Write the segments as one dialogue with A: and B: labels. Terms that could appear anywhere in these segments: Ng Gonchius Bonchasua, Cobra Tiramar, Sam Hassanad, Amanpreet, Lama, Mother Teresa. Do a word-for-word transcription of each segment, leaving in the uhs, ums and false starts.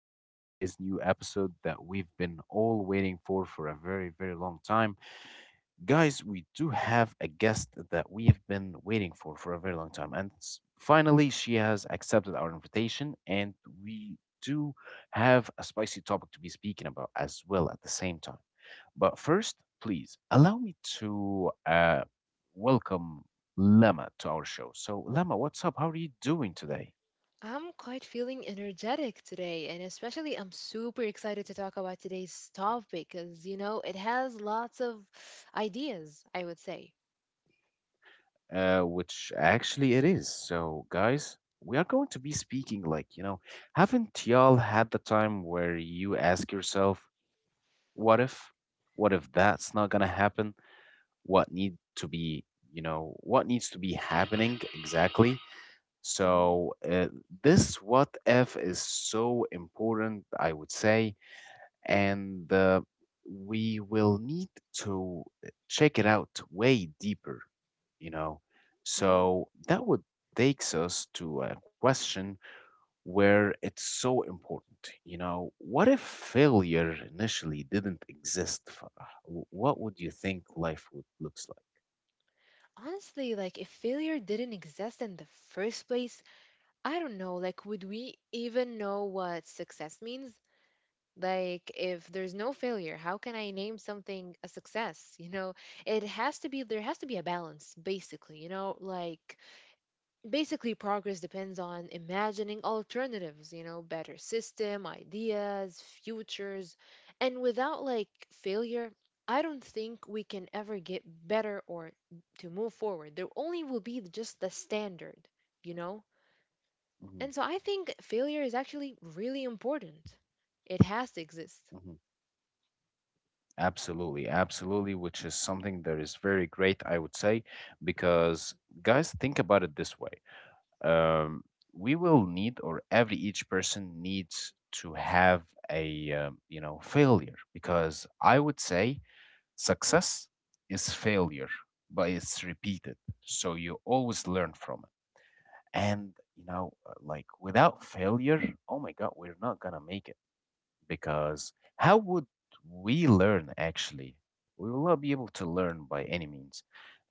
A: our today's new episode that we've been all waiting for for a very, very long time. Guys, we do have a guest that we have been waiting for for a very long time, and s- finally, she has accepted our invitation, and we do have a spicy topic to be speaking about as well at the same time. But first, please allow me to uh, welcome Lama to our show. So, Lama, what's up? How are you doing today?
B: I'm quite feeling energetic today, and especially I'm super excited to talk about today's topic because, you know, it has lots of ideas, I would say.
A: Uh, which actually it is. So, guys, we are going to be speaking like, you know, haven't y'all had the time where you ask yourself, what if? What if that's not going to happen? What need to be, you know, what needs to be happening exactly?
B: Hmm.
A: So, uh, this what if is so important, I would say, and uh, we will need to uh, check it out way deeper, you know.
B: Hmm.
A: So that would takes us to a question where it's so important, you know. What if failure initially didn't exist? Farah? W- What would you think life would looks like?
B: Honestly, like if failure didn't exist in the first place, I don't know, like would we even know what success means? Like if there's no failure, how can I name something a success? You know, it has to be there has to be a balance basically, you know, like basically progress depends on imagining alternatives, you know, better system ideas, futures. And without like failure, I don't think we can ever get better or to move forward. There only will be just the standard, you know.
A: Mhm,
B: And so I think failure is actually really important. It has to exist.
A: mhm, absolutely, absolutely, which is something that is very great, I would say, because guys, think about it this way. Um, we will need, or every each person needs to have a, um, you know, failure, because I would say success is failure, but it's repeated. So you always learn from it. And, you know, uh, like without failure, oh my God, we're not gonna make it. Because how would we learn actually? We will not be able to learn by any means.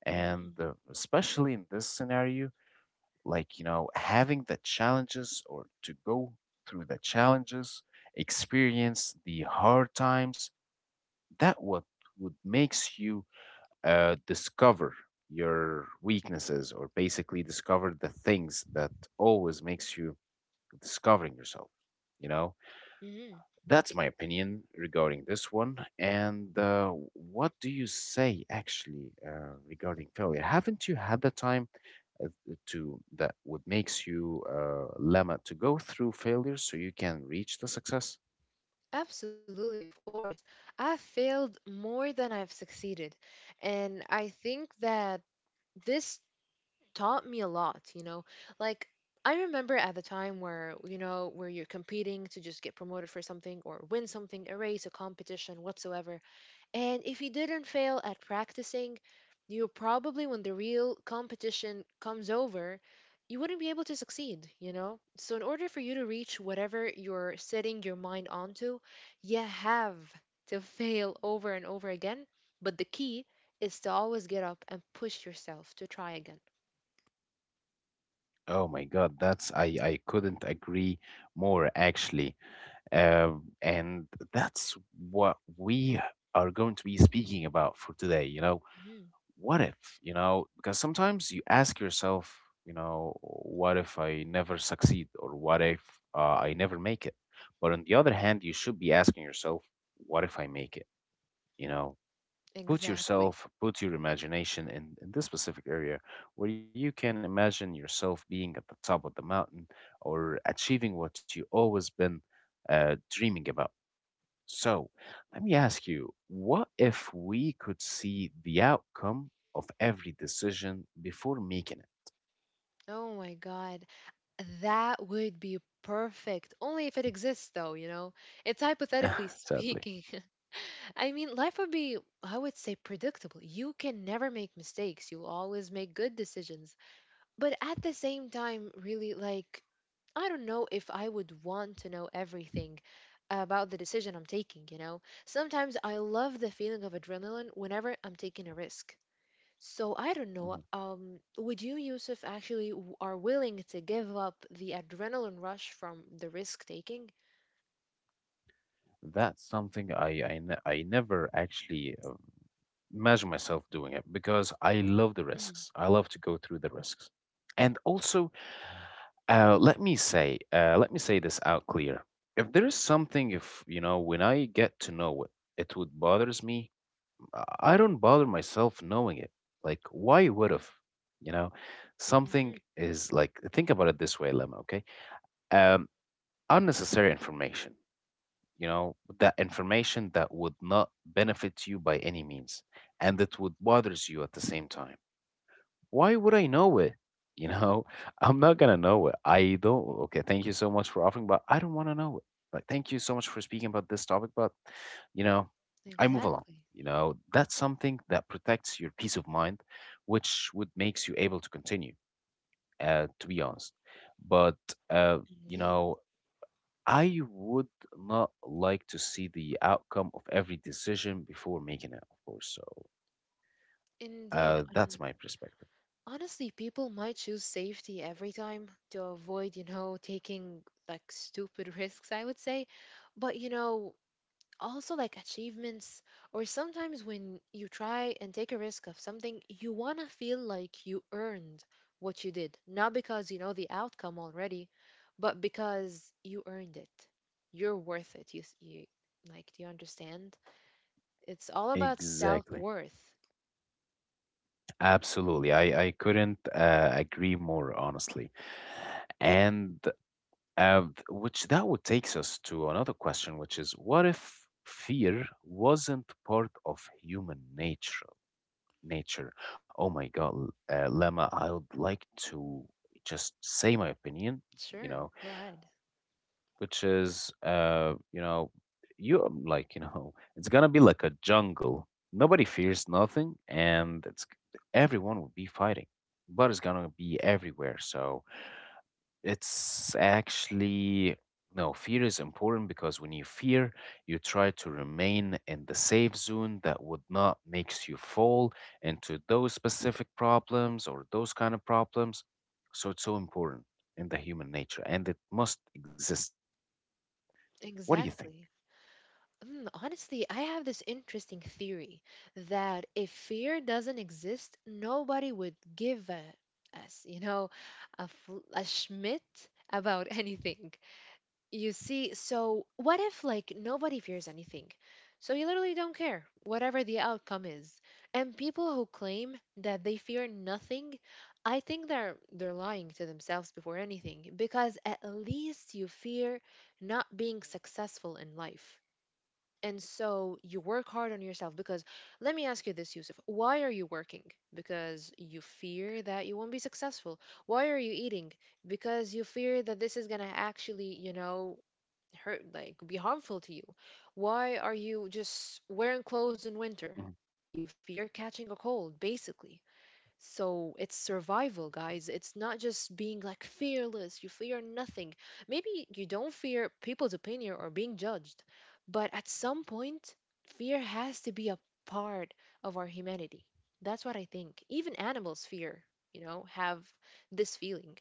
A: And
B: Hmm.
A: uh, especially in this scenario, like, you know, having the challenges or to go through the challenges, experience the hard times, that what would makes you uh, discover your weaknesses or basically discover the things that always makes you discovering yourself, you know.
B: Hmm.
A: That's my opinion regarding this one. And uh, what do you say actually uh, regarding failure? Haven't you had the time uh, to that would makes you uh, lemma to go through failure so you can reach the success?
B: Absolutely, of course. I've failed more than I've succeeded. And I think that this taught me a lot, you know. Like I remember at the time where, you know, where you're competing to just get promoted for something or win something, a race, a competition, whatsoever. And if you didn't fail at practicing, you probably when the real competition comes over, you wouldn't be able to succeed, you know? So in order for you to reach whatever you're setting your mind onto, you have to fail over and over again. But the key is to always get up and push yourself to try again.
A: Oh my God, that's I I couldn't agree more actually. Um, and that's what we are going to be speaking about for today. You know,
B: Mm-hmm.
A: what if, you know, because sometimes you ask yourself, you know, what if I never succeed or what if uh, I never make it, but on the other hand you should be asking yourself, what if I make it, you know. Put
B: Exactly.
A: yourself, put your imagination in, in this specific area where you can imagine yourself being at the top of the mountain or achieving what you always been uh, dreaming about. So let me ask you, what if we could see the outcome of every decision before making
B: Oh my God. That would be perfect. Only if it exists, though, you know? It's
A: it?
B: hypothetically
A: Sadly.
B: speaking. I mean, life would be, I would say, predictable. You can never make mistakes. You always make good decisions. But at the same time, really, like, I don't know if I would want to know everything about the decision I'm taking, you know? Sometimes I love the feeling of adrenaline whenever I'm taking a risk. So I don't know.
A: Mm-hmm.
B: Um, would you, Yusuf, actually w- are willing to give up the adrenaline rush from the risk taking?
A: That's something I I, ne- I never actually uh, imagine myself doing it because I love the
B: Mm-hmm.
A: risks. I love to go through the risks. And also, uh, let me say, uh, let me say this out clear. If there is something, if you know, when I get to know it, it would bothers me. I I don't bother myself knowing it. Like, why would have? You know, something is like. Think about it this way, Lemma. Okay, um, unnecessary information, you know, that information that would not benefit you by any means and that would bothers you at the same time, why would I know it, you know. I'm not gonna know it. I don't. Okay, thank you so much for offering but I don't want to know it. Like, thank you so much for speaking about this topic, but you know, I move along,
B: Exactly.
A: you know. That's something that protects your peace of mind, which would makes you able to continue, uh, to be honest. But uh, you
B: Indeed.
A: know, I would not like to see the outcome of every decision before making it, of course. So
B: Indeed.
A: uh, that's
B: And
A: my perspective.
B: honestly, people might choose safety every time to avoid, you know, taking like stupid risks, I would say. But, you know, also like achievements or sometimes when you try and take a risk of something, you want to feel like you earned what you did, not because you know the outcome already, but because you earned it. You're worth it. You, s- you like, do you understand? It's all about
A: Exactly.
B: self-worth.
A: Absolutely. I, I couldn't uh, agree more, honestly. And uh, th- which that would takes us to another question, which is what if fear wasn't part of human nature? Nature. Oh my God, L- uh, Lemma, I would like to just say my opinion, you
B: Sure,
A: know,
B: go ahead.
A: which is uh you know you um, like you know it's gonna be like a jungle, nobody fears nothing, and it's everyone will be fighting, blood is gonna be everywhere. So it's actually, no, fear is important because when you fear you try to remain in the safe zone that would not makes you fall into those specific problems or those kind of problems. So it's so important in the human nature and it must exists. What do you think?
B: Exactly. Mm, honestly, I have this interesting theory that if fear doesn't exist, nobody would give a, us, you know, a, fl- a schmidt about anything. You see, so what if, like, nobody fears anything? So you literally don't care, whatever the outcome is. And people who claim that they fear nothing, I think they're they're lying to themselves before anything, because at least you fear not being successful in life. And so you work hard on yourself because let me ask you this, Yusuf. Why are you working? Because you fear that you won't be successful. Why are you eating? Because you fear that this is going to actually, you know, hurt, like be harmful to you. Why are you just
A: Mhm.
B: wearing clothes in winter? You fear catching a cold, basically. So it's survival, guys. It's not just being like fearless. You fear nothing. Maybe you don't fear people's opinion or being judged, but at some point, fear has to be a part of our humanity. That's what I think. Even animals fear, you know, have this feeling.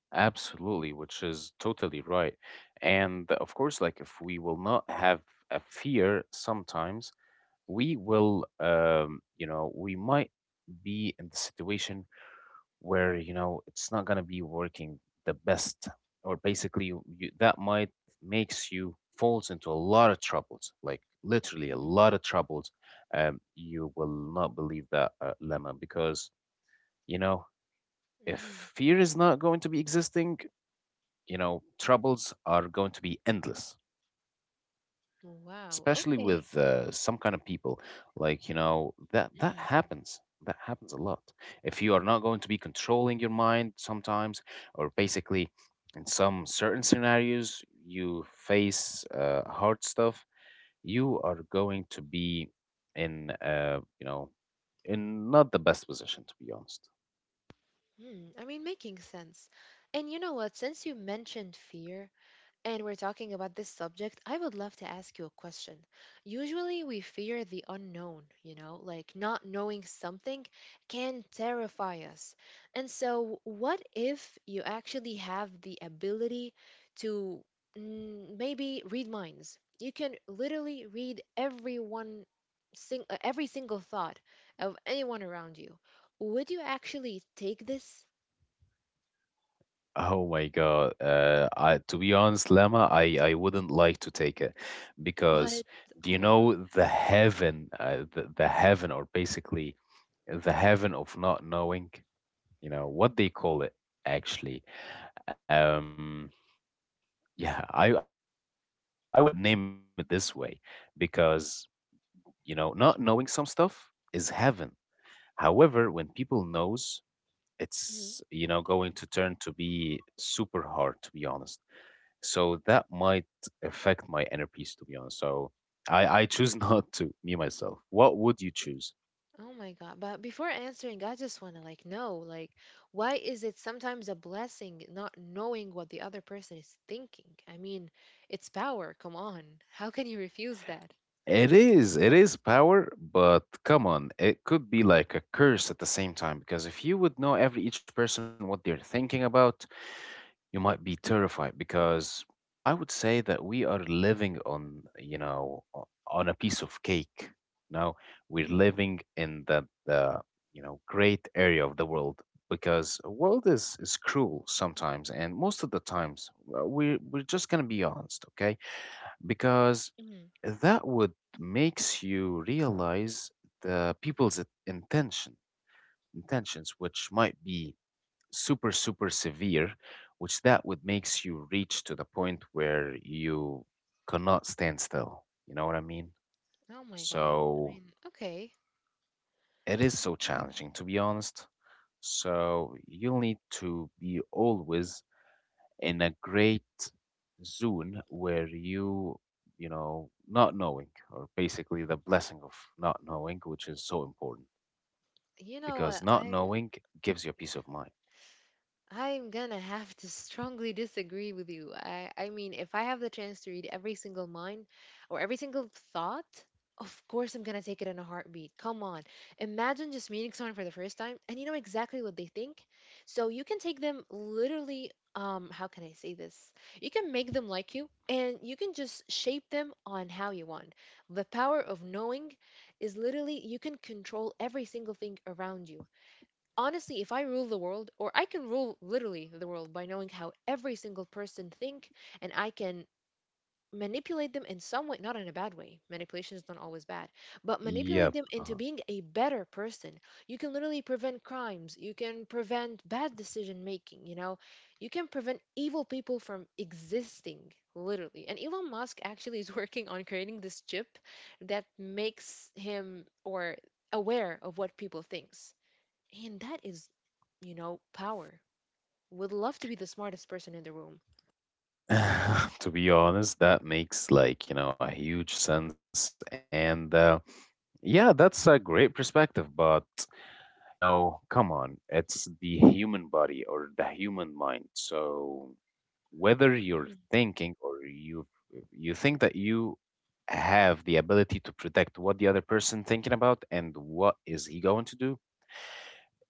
A: Absolutely, which is totally right. And of course, like if we will not have a fear sometimes, we will, um, you know, we might be in the situation where, you know, it's not going to be working the best, or basically you, you- that might makes you falls into a lot of troubles, like literally a lot of troubles. Um, you will not believe that, uh, Lemma, because, you know, if
B: Mm-hmm.
A: fear is not going to be existing, you know, troubles are going to be endless,
B: Wow.
A: especially
B: Okay.
A: with uh, some kind of people. Like, you know, that that happens. That happens a lot. If you are not going to be controlling your mind sometimes, or basically in some certain scenarios, you face uh, hard stuff, you are going to be in, uh, you know, in not the best position, to be honest.
B: Mm-hmm. I mean, making sense. And you know what? Since you mentioned fear, and we're talking about this subject, I would love to ask you a question. Usually, we fear the unknown, you know, like not knowing something can terrify us. And so, what if you actually have the ability to mm, maybe read minds? You can literally read everyone, sing, uh, every single thought of anyone around you. Would you actually take this?
A: Oh my God. Uh, I, to be honest, Lama, I, I wouldn't like to take it because
B: What?
A: do you
B: Oh my God.
A: know the heaven, uh, the, the heaven, or basically the heaven of not knowing, you know, what they call it actually. Um, yeah, I, I would name it this way because, you know, not knowing some stuff is heaven. However, when people knows, it's, you know,
B: Mm-hmm.
A: going to turn to be super hard, to be honest. So that might affect my inner peace, to be honest. So I, I choose not to, me myself. What would you choose?
B: Oh my God. But before answering, I just want to like know, like, why is it sometimes a blessing not knowing what the other person is thinking? I mean, it's power. Come on. How can you refuse that?
A: It is, it is power, but come on, it could be like a curse at the same time. Because if you would know every each person what they're thinking about, you might be terrified because I would say that we are living on, you know, o- on a piece of cake. Now we're
B: Hmm.
A: living in the, the you know great area of the world, because world is is cruel sometimes, and most of the times uh, we're we're just gonna be honest, okay? Because
B: Hmm.
A: that would makes you realize the people's intention intentions, which might be super super severe, which that would makes you reach to the point where you cannot stand still, you know what I mean.
B: Oh my God. I
A: So
B: mean, okay.
A: it is so challenging, to be honest. So you'll need to be always in a great zone where you you know, not knowing, or basically the blessing of not knowing, which is so important,
B: You know what?
A: because not
B: I
A: knowing gives you a peace of mind.
B: I'm gonna have to strongly disagree with you. I, I mean, if I have the chance to read every single mind or every single thought, of course I'm gonna take it in a heartbeat. Come on. Imagine just meeting someone for the first time and you know exactly what they think. So you can take them literally, um, how can I say this? You can make them like you and you can just shape them on how you want. The power of knowing is literally you can control every single thing around you. Honestly, if I rule the world or I can rule literally the world by knowing how every single person think, and I can manipulate them in some way, not in a bad way, manipulation is not always bad, but manipulate
A: Yep.
B: them into being a better person. You can literally prevent crimes, you can prevent bad decision making, you know. You can prevent evil people from existing, literally. And Elon Musk actually is working on creating this chip that makes him or aware of what people thinks. And that is, you know, power. Would love to be the smartest person in the room.
A: To be honest, that makes like, you know, a huge sense. And uh, yeah, that's a great perspective. But, you know, come on, it's the human body or the human mind. So whether you're
B: Mhm.
A: thinking or you you think that you have the ability to predict what the other person thinking about and what is he going to do,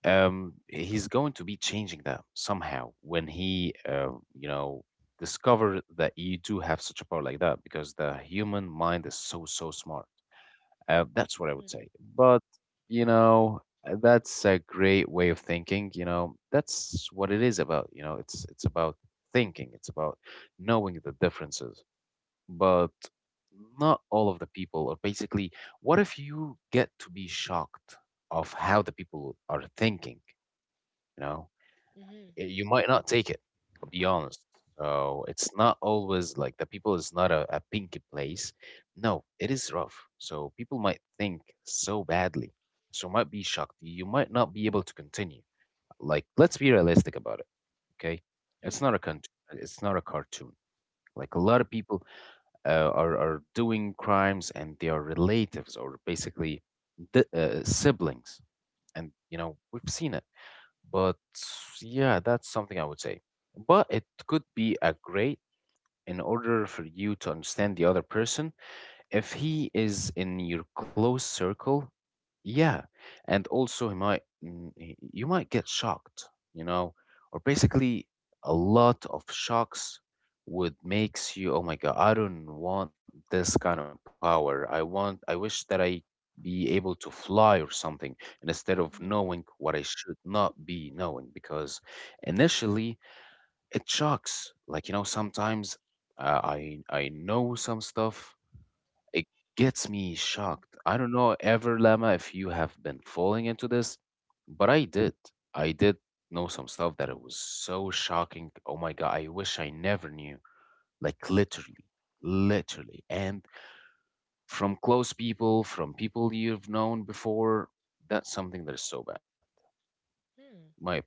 A: um, he's going to be changing that somehow when he, uh, you know, discover that you do have such a power like that because the human mind is so, so smart. Uh, that's what I would
B: Mhm.
A: say. But, you know, uh, that's a great way of thinking. You know, that's what it is about. You know, it's it's about thinking. It's about knowing the differences. But not all of the people, or basically, what if you get to be shocked of how the people are thinking? You know.
B: Mhm.
A: Eh, you might not take it, I'll be honest. So it's not always like the people is not a, a pinky place. No, it is rough. So people might think so badly, so might be shocked, you might not be able to continue. Like, let's be realistic about it, okay. it's
B: Mhm.
A: not a con- it's not a cartoon. Like a lot of people uh, are, are doing crimes and they are relatives or basically the, uh, siblings, and you know we've seen it. But yeah, that's something I would say. But it could be a great in order for you to understand the other person, if he is in your close circle, yeah. And also, he might, mm, he- you might get shocked, you know, or basically a lot of shocks would makes you, oh my God, I don't want this kind of power. I want, I wish that I be able to fly or something and instead of
B: Mhm.
A: knowing what I should not be knowing because initially it shocks. Like, you know, sometimes uh, I I know some stuff it gets me
B: Mhm.
A: shocked. I don't know ever, Lama, if you have been falling into this, but I did. I did know some stuff that it was so shocking. Oh my God, I wish I never knew. Like literally, literally. And from close people, from people you've known before, that's something that is so bad, in
B: Mhm.
A: my opinion.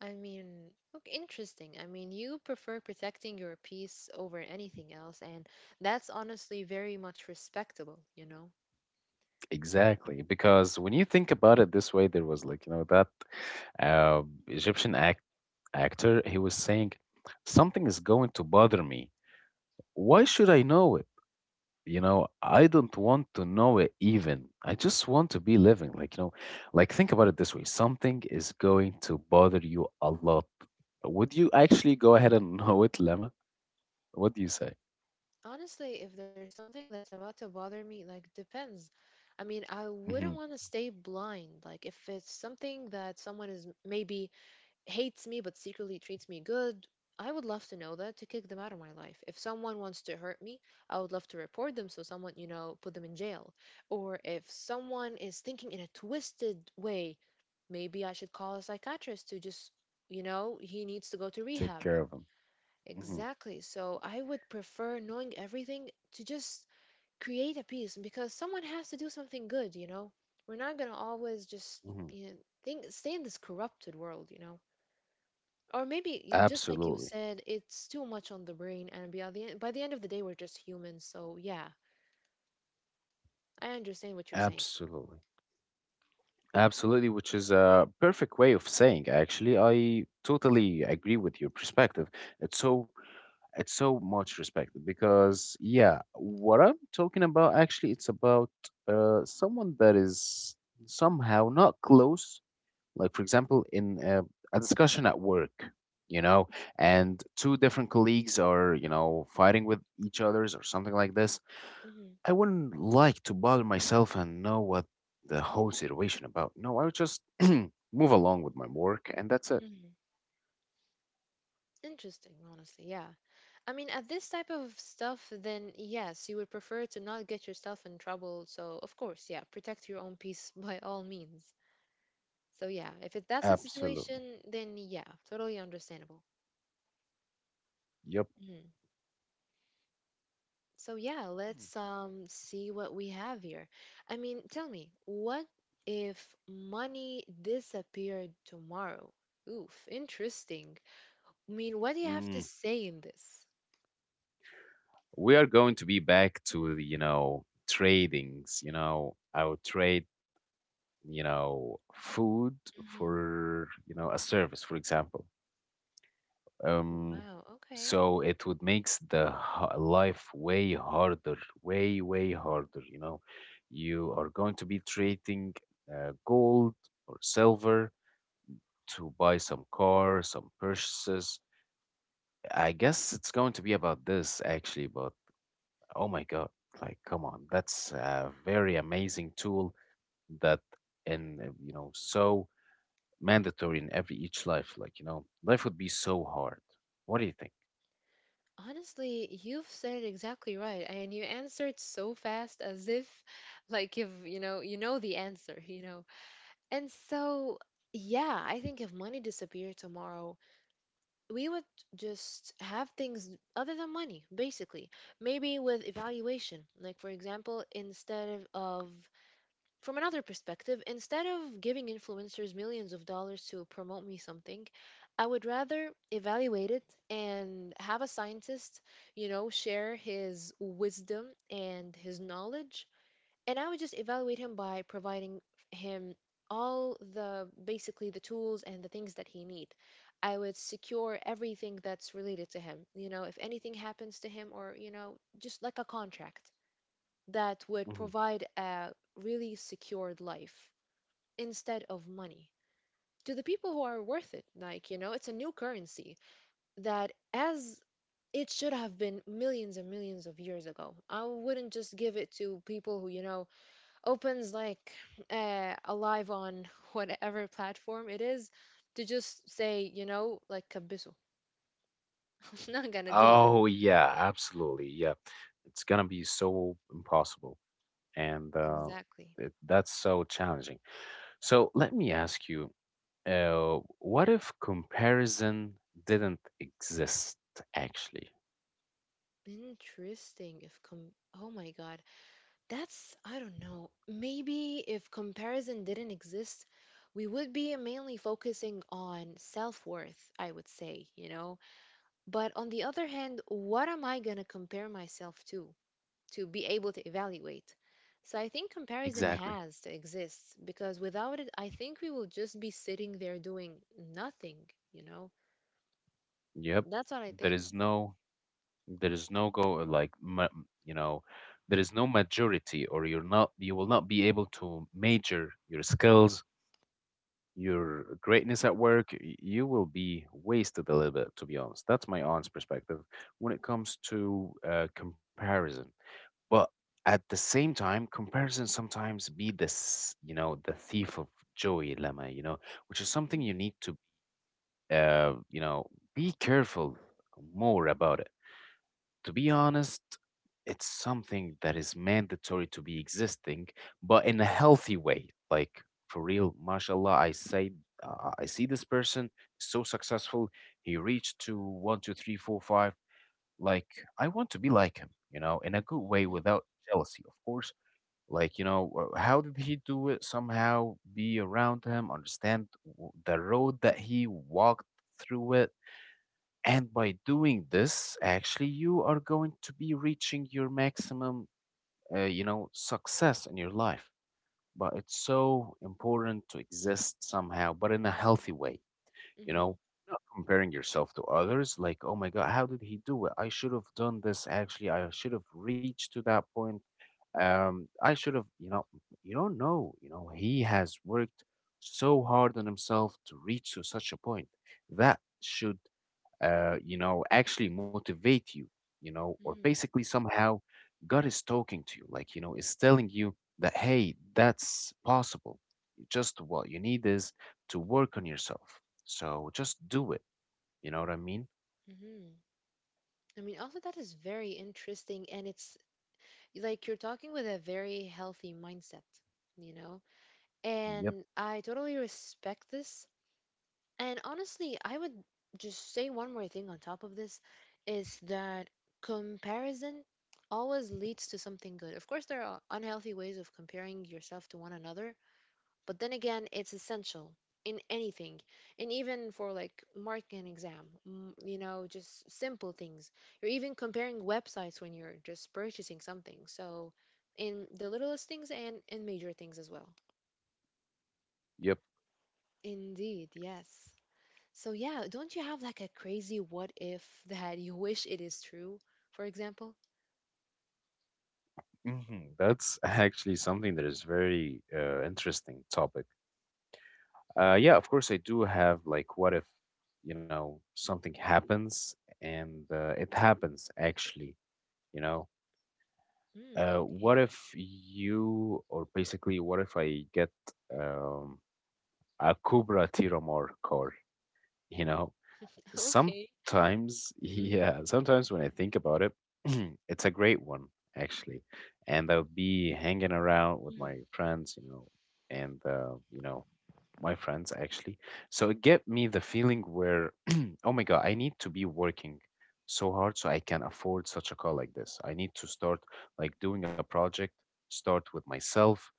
B: I mean, look, interesting. I mean, you prefer protecting your peace over anything else, and that's honestly very much respectable, you know?
A: Exactly, because when you think about it this way, there was like, you know, that uh, Egyptian act actor, he was saying, something is going to bother me. Why should I know it? You know, I don't
B: Mm.
A: want to know it even. I just want to be living. Like, you know, like think about it this way. Something is going to bother you a lot. Would you actually go ahead and know it, Lemma? What do you say?
B: Honestly, if there's something that's about to bother me, like, depends. I mean, I wouldn't
A: Hmm.
B: want to stay blind. Like, if it's something that someone is maybe hates me but secretly treats me good. I would love to know that to kick them out of my life. If someone wants to hurt me, I would love to report them so someone, you know, put them in jail. Or if someone is thinking in a twisted way, maybe I should call a psychiatrist to just, you know, he needs to go to
A: Take
B: rehab.
A: care of them. Hmm.
B: Exactly. So I would prefer knowing everything to just create a peace because someone has to do something good, you know? We're not going to always just,
A: Hmm.
B: you know, think, stay in this corrupted world, you know? Or maybe you- just like you
A: Absolutely.
B: said, it's too much on the brain and by the, end, by the end of the day we're just humans, so yeah. I understand what you're saying.
A: Absolutely. Absolutely, which is a perfect way of saying actually. I totally agree with your perspective. It's so it's so much respected because yeah, what I'm talking about actually it's about uh someone that is somehow not close, like for example in a, a discussion at work, you know, and two different colleagues are, you know, fighting with each others or something like this.
B: Hmm.
A: I wouldn't like to bother myself and know what the whole situation about. No, I would just move along with my work and that's it.
B: Hmm. Interesting, honestly. Yeah, I mean at this type of stuff then yes you would prefer to not get yourself in trouble, so of course, yeah, protect your own peace by all means. So yeah, if it, that's the
A: Absolutely.
B: situation, then yeah. Totally understandable.
A: Yep.
B: Mm-hmm. So yeah, let's um see what we have here. I mean, tell me, what if money disappeared tomorrow? Oof, interesting. I mean, what do you have to
A: Mm.
B: say in this?
A: We are going to be back to, you know, tradings, you know, I would trade, you know, food
B: Hmm.
A: for, you know, a service, for example. Um,
B: Wow, okay.
A: so it would makes the ha- life way harder, way, way harder. You know, you are going to be trading uh, gold or silver to buy some car, some purchases. I guess it's going to be about this actually, but oh my God, like, come on, that's a very amazing tool that, and uh, you know, so mandatory in every each life. Like, you know, life would be so hard. What do you think?
B: Honestly, you've said it exactly right, and you answered so fast as if like if, you know, you know the answer, you know. And so, yeah, I think if money disappeared tomorrow, we would just have things other than money, basically. Maybe with evaluation, like for example, instead of, of from another perspective, instead of giving influencers millions of dollars to promote me something, I would rather evaluate it and have a scientist, you know, share his wisdom and his knowledge. And I would just evaluate him by providing him all the basically the tools and the things that he need. I would secure everything that's related to him. You know, if anything happens to him or, you know, just like a contract that would provide a really secured life instead of money to the people who are worth it. Like, you know, it's a new currency that as it should have been millions and millions of years ago. I wouldn't just give it to people who, you know, opens like uh, alive on whatever platform it is to just say, you know, like Kabiso. I'm not gonna do that.
A: Oh yeah, absolutely. Yeah. It's gonna be so impossible and uh
B: Exactly.
A: it, that's so challenging. So let me ask you, uh what if comparison didn't exist actually?
B: Interesting. If com Oh my God, that's I don't know. Maybe if comparison didn't exist, we would be mainly focusing on self-worth, I would say, you know. But on the other hand, what am I gonna compare myself to? To be able to evaluate. So I think comparison
A: Exactly.
B: has to exist because without it, I think we will just be sitting there doing nothing, you know?
A: Yep.
B: That's what I
A: There
B: think.
A: is no there is no go like ma- you know, there is no majority or you're not you will not be able to major your skills your greatness at work, y- you will be wasted a little bit, to be honest. That's my aunt's perspective when it comes to uh, comparison. But at the same time, comparison sometimes be this, you know, the thief of joy, Lama, you know, which is something you
B: Hmm.
A: need to, uh, you know, be careful more about it. To be honest, it's something that is mandatory to be existing, but in a healthy way. Like for real, mashallah, I say uh, I see this person so successful. He reached to one, two, three, four, five. Like I want to be like him, you know, in a good way
B: Hmm.
A: without jealousy, of course. Like you know, uh, how did he do it? Somehow be around him, understand w- the road that he walked through it and by doing this, actually, you are going to be reaching your maximum, uh, you know, success in your life. But it's so important to exist somehow, but in a healthy way, you
B: Hmm.
A: know, not comparing yourself to others. Like, oh my God, how did he do it? I should have done this. Actually, I should have reached to that point. Um, I should have, you know, you don't know, you know, he has worked so hard on himself to reach to such a point that should uh, you know, actually motivate you, you know, or
B: Hmm.
A: basically somehow God is talking to you, like, you know, is telling you that, hey, that's possible. Just what you need is to work on yourself. So just do it. You know what I mean?
B: Hmm. I mean, also, that is very interesting. And it's like you're talking with a very healthy mindset, you know?
A: Yep.
B: And I totally respect this. And honestly, I would just say one more thing on top of this is that comparison always leads to something good. Of course, there are unhealthy ways of comparing yourself to one another, but then again, it's essential in anything and even for like marking an exam, mm, you know, just simple things. You're even comparing websites when you're just purchasing something, so in the littlest things and in major things as well.
A: Yep.
B: Indeed, yes. So yeah, don't you have like a crazy what if that you wish it is true? For example,
A: Hmm. That's actually something that is very uh, interesting topic. Uh, yeah, of course, I do have like, what if, you know, something happens and uh, it happens actually, you know.
B: mm,
A: Uh, what
B: okay,
A: if you, or basically, what if I get um, a Cobra Tiramar car? You know,
B: okay,
A: sometimes,
B: mm,
A: yeah, sometimes when I think about it, it's a great one, actually. And I'll be hanging around with my
B: mm,
A: friends, you know, and, uh, you know, my friends actually. So it get me the feeling where, oh my God, I need to be working so hard so I can afford such a call like this. I need to start like doing a project, start with myself,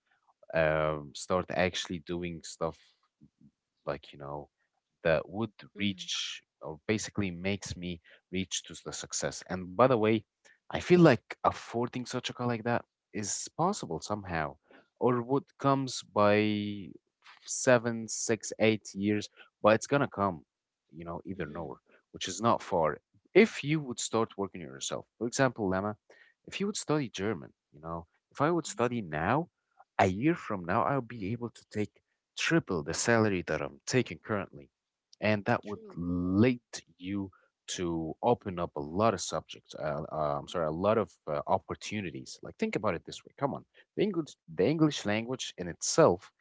A: um, start actually doing stuff like, you know, that would
B: mm,
A: reach or basically makes me reach to the success. And by the way, I feel like affording such a car like that is possible somehow, or would comes by seven, six, eight years, but it's gonna come, you know, either
B: mm,
A: nowhere, which is not far. If you would start working on yourself, for example, Lama, if you would study German, you know, if I would
B: mm,
A: study now, a year from now, I'll be able to take triple the salary that I'm taking currently and that would
B: true,
A: lead you to open up a lot of subjects. Uh, uh, I'm sorry, a lot of uh, opportunities. Like think about it this way. Come on, the English, the English language in itself.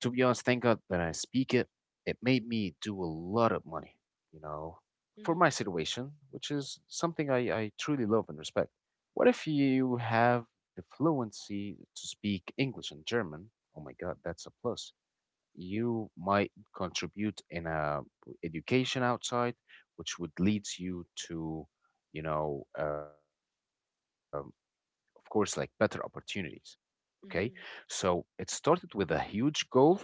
A: To be honest, thank God that I speak it. It made me do a lot of money. You know, for
B: mm,
A: my situation, which is something I, I truly love and respect. What if you have the fluency to speak English and German? Oh my God, that's a plus you might contribute in a education outside, which would lead you to, you know, um, of course, like better opportunities. Okay, so
B: mm,
A: it started with a huge goal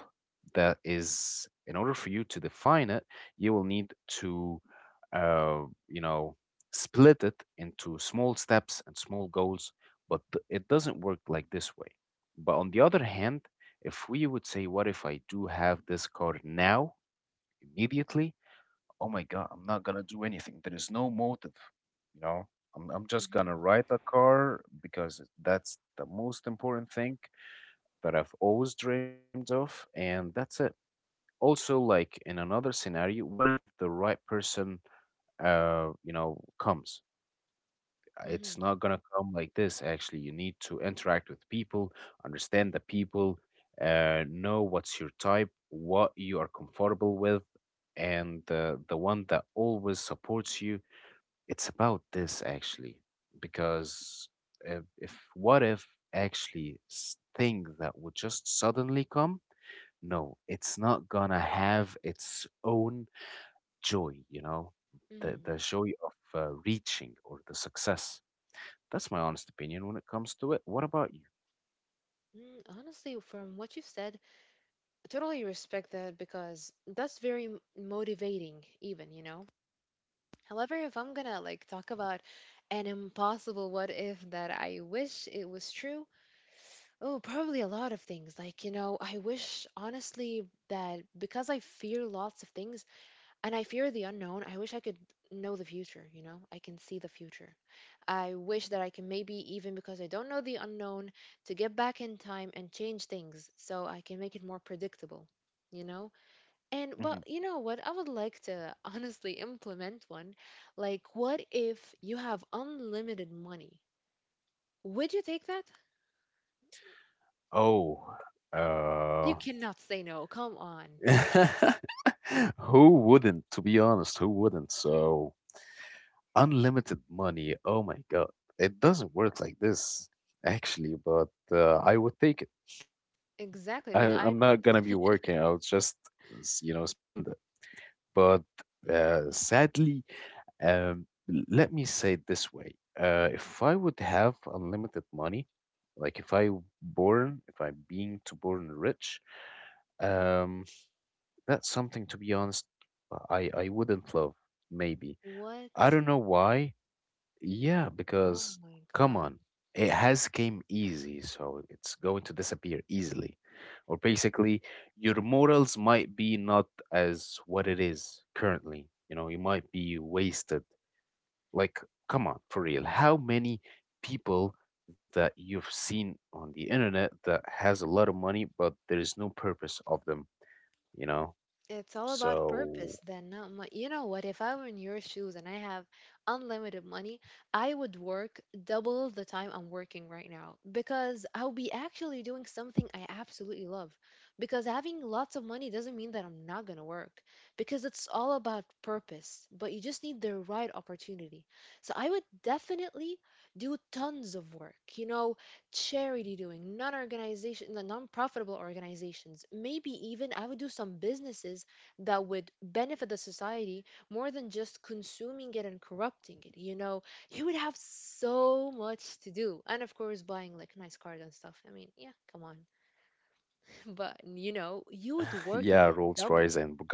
A: that is, in order for you to define it, you will need to uh, you know, split it into small steps and small goals, but th- it doesn't work like this way. But on the other hand, if we would say, what if I do have this car now, immediately? Oh my God, I'm not going to do anything. There is no motive, you know? I'm, I'm just going to
B: mm,
A: ride the car because that's the most important thing that I've always dreamed of, and that's it. Also, like in another scenario, what if the right person uh, you know, comes. It's
B: mm,
A: not gonna come like this, actually. You need to interact with people, understand the people, uh, know what's your type, what you are comfortable with, and uh, the one that always supports you. It's about this, actually, because if, if what if actually s- thing that would just suddenly come, no, it's not gonna have its own joy, you know, the,
B: mm.
A: the joy of uh, reaching or the success. That's my honest opinion when it comes to it. What about you?
B: Mm, honestly, from what you've said, I totally respect that because that's very m- motivating, even, you know? However, if I'm gonna like talk about an impossible what if that I wish it was true, oh, probably a lot of things. Like, you know, I wish honestly that because I fear lots of things and I fear the unknown, I wish I could know the future, you know? I can see the future. I wish that I can maybe, even because I don't know the unknown, to get back in time and change things so I can make it more predictable, you know? And, but
A: Hmm.
B: you know what? I would like to honestly implement one. Like, what if you have unlimited money? Would you take that?
A: Oh,
B: You
A: uh,
B: cannot say no. Come on.
A: who wouldn't, to be honest, who wouldn't? So, unlimited money. Oh my God. It doesn't work like this, actually, but uh, I would take it.
B: Exactly. I
A: I,
B: mean, I
A: I'm not gonna be working. I'll just, s- you know, spend it. But uh, sadly, um, l- let me say it this way: uh, if I would have unlimited money, like if I born, if I'm being to born rich, um, that's something to be honest, I I wouldn't love. Maybe
B: what?
A: I don't know why. Yeah,
B: Oh
A: because
B: my
A: come
B: God.
A: on, it has came easy, so it's going to disappear easily. Or basically, your morals might be not as what it is currently. You know, you might be wasted. Like, come on, for real. How many people that you've seen on the internet that has a lot of money, but there is no purpose of them, you know?
B: It's all about purpose
A: So,
B: then. Not mo- you know what? If I were in your shoes and I have unlimited money, I would work double the time I'm working right now because I'll be actually doing something I absolutely love. Because having lots of money doesn't mean that I'm not going to work, because it's all about purpose, but you just need the right opportunity. So I would definitely do tons of work. You know, charity doing, non organization, the non profitable organizations. Maybe even I would do some businesses that would benefit the society more than just consuming it and corrupting it. You know, you would have so much to do. And of course, buying like nice cars and stuff. I mean, yeah, come on. But you know,
A: yeah,
B: you would
A: Rolls
B: work
A: Royce
B: the
A: and
B: double.
A: Bugattis.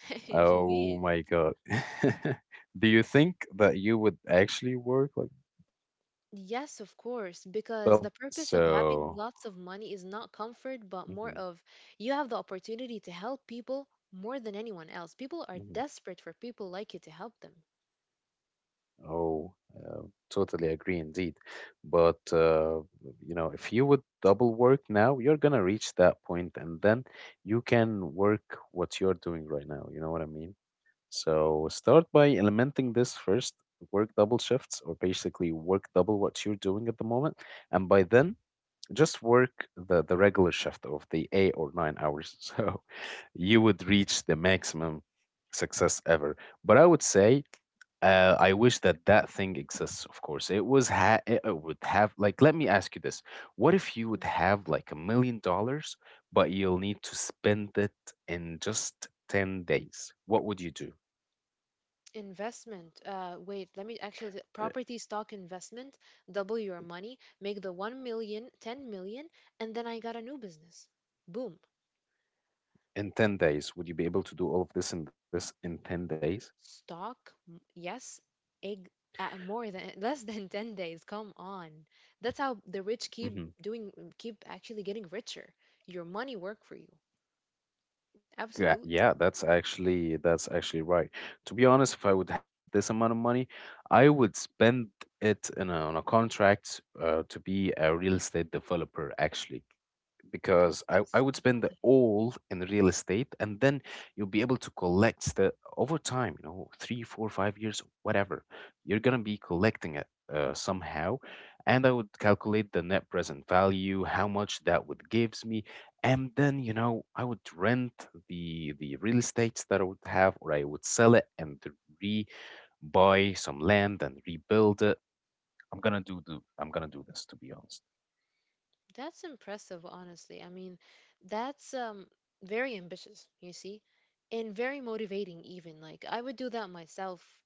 A: my
B: Indeed.
A: God. Do you think that you would actually work like double what you're doing at the
B: Yes, of
A: moment?
B: course, because the purpose of having
A: So,
B: lots of money is not comfort, but more
A: hmm.
B: of you have the opportunity to help people more than anyone else. People are
A: Hmm.
B: desperate for people like you to help them.
A: Oh, uh, totally agree indeed. But uh, you know, if you would double work now, you're gonna reach that point, and then you can work what you're doing right now. You know what I mean? So start by implementing this first, work double shifts, or basically work double what you're doing at the moment, and by then just work the, the regular shift of the eight or nine hours. So you would reach the maximum success ever. But I would say, uh, I wish that that thing exists, of course. It was, ha- it uh, would have, like, let me ask you this. What if you would
B: Mm.
A: have like a million dollars, but you'll need to spend it in just ten days? What would you do?
B: Investment. Uh, wait, let me actually th-
A: Uh,
B: property stock investment. Double your money, make the one million, ten million, and then I got a new business. Boom.
A: In ten days, would you be able to do all of this in this in ten days?
B: Stock? M- Yes. Egg? Uh, more than less than ten days. Come on. That's how the rich keep
A: Mm-hmm.
B: doing, keep actually getting richer. Your money work for you.
A: Yeah,
B: Absolutely.
A: yeah, that's actually that's actually right. To be honest, if I would have this amount of money, I would spend it in a, on a contract uh, to be a real estate developer, actually because I, I would
B: Interesting.
A: spend the
B: Okay.
A: all in real estate, and then you'll be able to collect the over time, you know, three four five years, whatever you're gonna be collecting it uh, somehow. And I would calculate the net present value, how much that would gives me. And then, you know, I would rent the the real estates that I would have, or I would sell it and re buy some land and rebuild it. I'm gonna do, do i'm gonna do this, to be honest.
B: That's impressive, honestly. I mean, that's um very ambitious, you see, and very motivating even. Like I would do that myself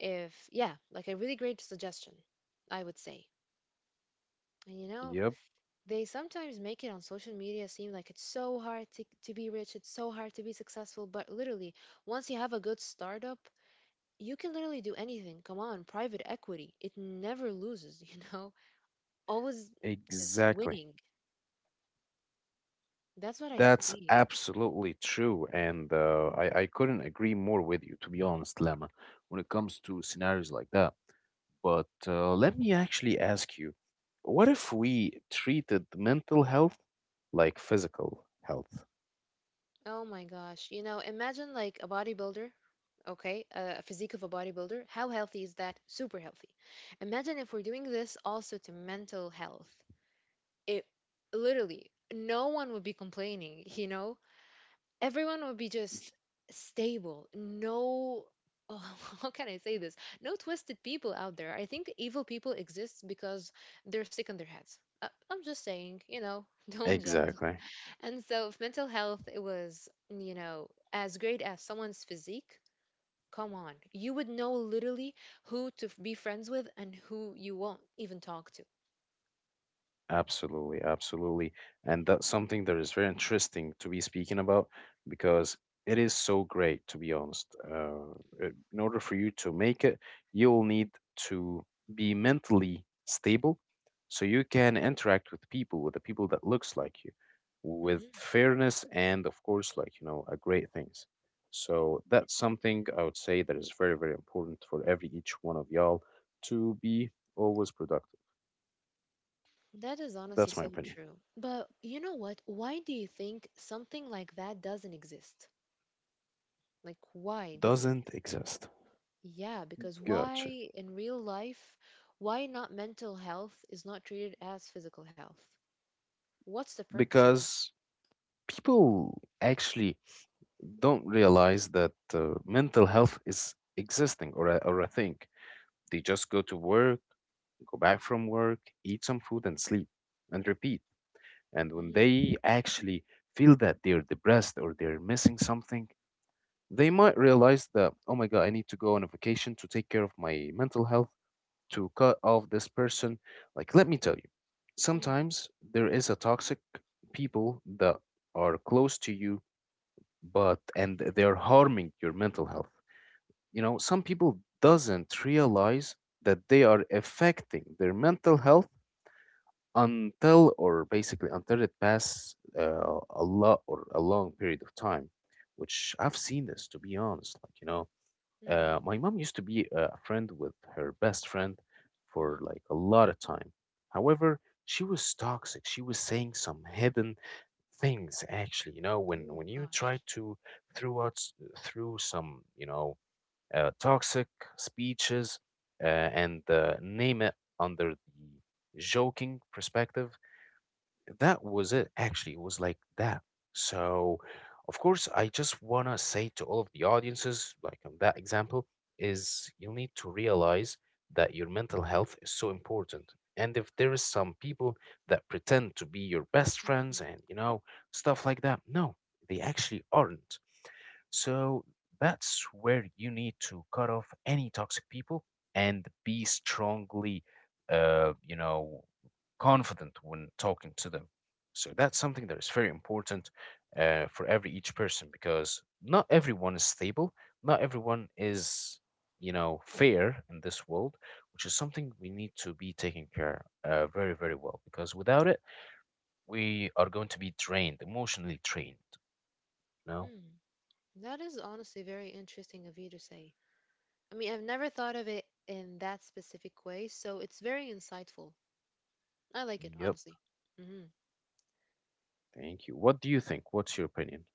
B: if, yeah, like a really great suggestion, I would say. And you know,
A: Yep.
B: they sometimes make it on social media seem like it's so hard to, to be rich, it's so hard to be successful, but literally, once you have a good startup, you can literally do anything. Come on, private equity, it never loses, you know? Always just
A: Exactly.
B: winning. That's what I
A: That's
B: think.
A: absolutely true, and uh, I, I couldn't agree more with you, to be honest, Lama, when it comes to scenarios like that. But uh, let me actually ask you, what if we treated mental health like physical health?
B: Oh my gosh. You know, imagine like a bodybuilder, okay? A, a physique of a bodybuilder. How healthy is that? Super healthy. Imagine if we're doing this also to mental health. It literally, no one would be complaining, you know? Everyone would be just stable. No, oh, how can I say this? No twisted people out there. I think evil people exist because they're sick in their heads. Uh, I'm just saying, you know, don't judge.
A: Exactly.
B: And so, if mental health it was, you know, as great as someone's physique, come on, you would know literally who to f- be friends with and who you won't even talk to.
A: Absolutely, absolutely. And that's something that is very interesting to be speaking about because it is so great, to be honest. Uh, it- in order for you to make it, you'll need to be mentally stable so you can interact with people, with the people that looks like you, with
B: Hmm.
A: fairness and, of course, like, you know, uh, great things. So that's something I would say that is very, very important for every each one of y'all to be always productive.
B: That is honestly
A: That's my
B: so
A: opinion.
B: true. But you know what? Why do you think something like that doesn't exist? Like, why doesn't it
A: Doesn't
B: exist?
A: exist.
B: Yeah, because
A: Gotcha.
B: why in real life, why not mental health is not treated as physical health? What's the purpose of?
A: Because people actually don't realize that uh, mental health is existing or a, or a thing. They just go to work, go back from work, eat some food, and sleep and repeat. And when
B: Mhm,
A: they actually feel that they're depressed or they're missing something, they might realize that, oh my God, I need to go on a vacation to take care of my mental health, to cut off this person. Like, let me tell you,
B: mhm,
A: sometimes there is a toxic people that are close to you, but and they're harming your mental health. You know, some people doesn't realize that they are affecting their mental health until, or basically until, it passes uh, a lot or a long period of time, which I've seen this, to be honest, like, you know.
B: mhm,
A: Uh, my mom used to be uh, a friend with her best friend
B: mhm.
A: for like a lot of time. However, she was toxic. She was saying some hidden things, actually, you know, when
B: Oh
A: when you try
B: gosh.
A: to throw out s- through some, you know, uh, toxic speeches uh, and uh, name it under the joking perspective, that
B: Mhm,
A: was it. Actually, it was like that. So, of course, I just want to say to all of the audiences, like on that example, is you need to realize that your mental health is so important. And if there is some people that pretend to be your best
B: mhm,
A: friends and, you know, stuff like that, no, they actually aren't. So that's where you need to cut off any toxic people and be strongly, uh, you know, confident when talking to them. So that's something that is very important uh, for every each person because not everyone is stable, not everyone is, you know, fair in this world, which is something we need to be taking care uh, very very well because without it we are going to be drained, emotionally drained. You know.
B: mhm. That is honestly very interesting of you to say. I mean, I've never thought of it in that specific way, so it's very insightful. I like it,
A: Yep.
B: honestly. Mm-hmm.
A: Thank you. What do you think? What's your opinion?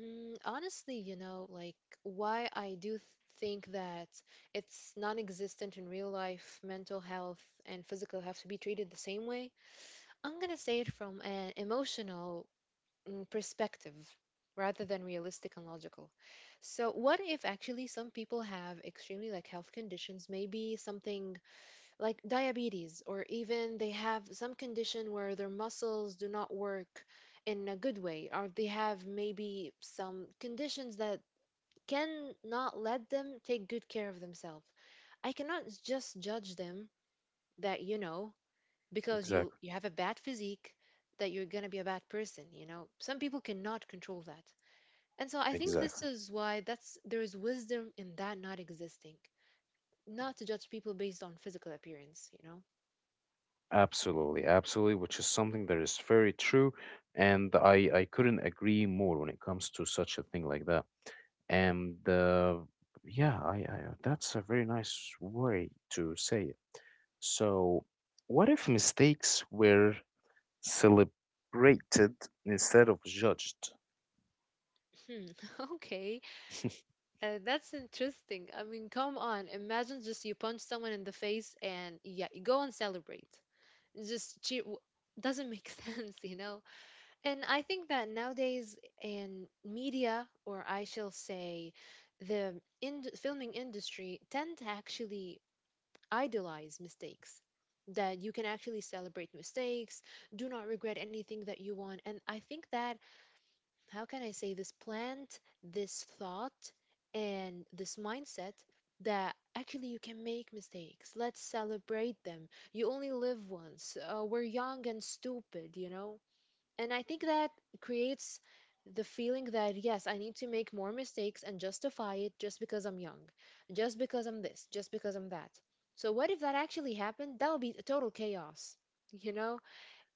B: Mm, honestly, you know, like why I do th- think that it's non-existent in real life, mental health and physical have to be treated the same way. I'm gonna say it from an emotional, mm, perspective rather than realistic and logical. So, what if actually some people have extremely like health conditions, maybe something like diabetes, or even they have some condition where their muscles do not work in a good way, or they have maybe some conditions that cannot let them take good care of themselves. I cannot just judge them that, you know, because you,
A: Exactly.
B: you have a bad physique, that you're going to be a bad person, you know. Some people cannot control that. And so I think this
A: Exactly.
B: is why that's there is wisdom in that not existing. Not to judge people based on physical appearance, you know.
A: Absolutely, absolutely, which is something that is very true, and I I couldn't agree more when it comes to such a thing like that. And uh, yeah, I, I that's a very nice way to say it. So, what if mistakes were celebrated instead of judged?
B: Hmm. Okay. Uh, that's interesting. I mean, come on. Imagine just you punch someone in the face and yeah, you go and celebrate. Just cheer. w- Doesn't make sense, you know? And I think that nowadays in media, or I shall say the in- filming industry, tend to actually idolize mistakes. That you can actually celebrate mistakes, do not regret anything that you want. And I think that how can I say this plant, this thought, and this mindset that actually you can make mistakes. Let's celebrate them. You only live once. Uh, we're young and stupid, you know? And I think that creates the feeling that, yes, I need to make more mistakes and justify it just because I'm young, just because I'm this, just because I'm that. So, what if that actually happened? That would be total chaos, you know?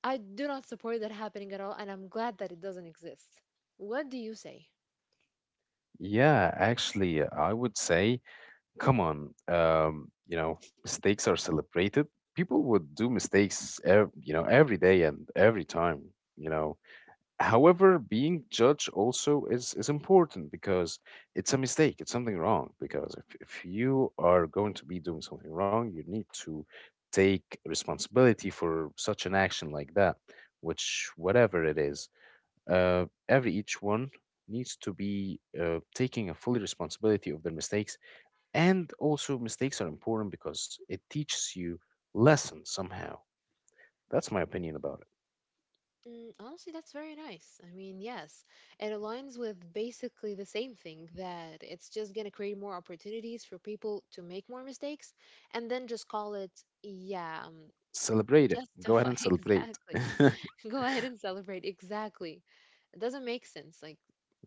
B: I do not support that happening at all, and I'm glad that it doesn't exist. What do you say?
A: Yeah, actually, I would say, come on, um, you know, mistakes are celebrated. People would do mistakes, ev you know, every day and every time, you know. However, being judged also is is important because it's a mistake, it's something wrong. Because if, if you are going to be doing something wrong, you need to take responsibility for such an action like that, which whatever it is, uh, every each one needs to be uh, taking a fully responsibility of their mistakes. And also, mistakes are important because it teaches you lessons somehow. That's my opinion about it.
B: Mm, honestly, that's very nice. I mean, yes, it aligns with basically the same thing that it's just going to create more opportunities for people to make more mistakes and then just call it, yeah, um,
A: Celebrate it. Go ahead
B: justify.
A: and celebrate.
B: Exactly. Go ahead and celebrate. Exactly. It doesn't make sense. Like,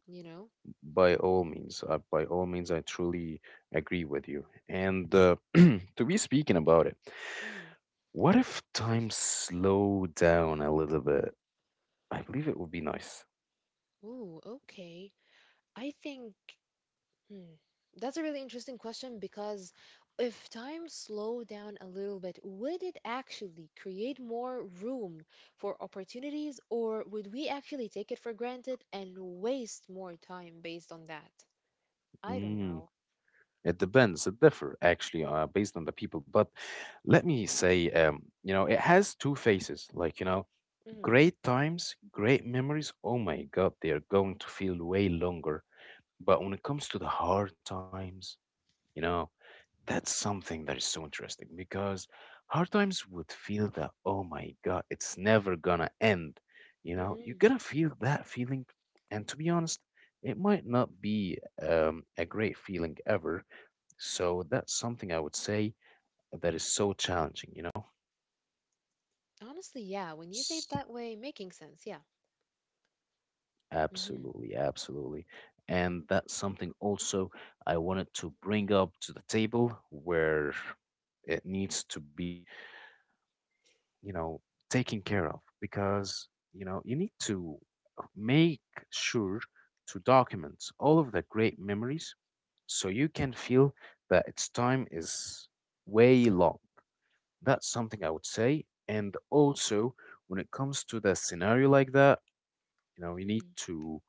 B: you know?
A: By all means, uh, by all means, I truly agree with you. And uh, to be speaking about it,
B: Mm.
A: what if time slowed down a little bit? I believe it would be nice.
B: Ooh, okay. I think. Hmm. That's a really interesting question because if time slowed down a little bit, would it actually create more room for opportunities, or would we actually take it for granted and waste more time based on that? I don't
A: Mm,
B: know.
A: it depends. It differ actually uh, based on the people. But let me say, um, you know, it has two faces. Like, you know,
B: Mm-hmm.
A: great times, great memories. Oh my God, they are going to feel way longer. But when it comes to the hard times, you know, that's something that is so interesting because hard times would feel that, oh my God, it's never gonna end. You know,
B: Mm-hmm.
A: you're gonna feel that feeling. And to be honest, it might not be um, a great feeling ever. So that's something I would say that is so challenging, you know?
B: Honestly, yeah, when you say it
A: S-
B: that way, making sense, yeah. Mm-hmm.
A: Absolutely, absolutely. And that's something also I wanted to bring up to the table where it needs to be, you know, taken care of because, you know, you need to make sure to document all of the great memories so you can feel that its time is way long. That's something I would say. And also, when it comes to the scenario like that, you know, you need
B: Mm-hmm.
A: to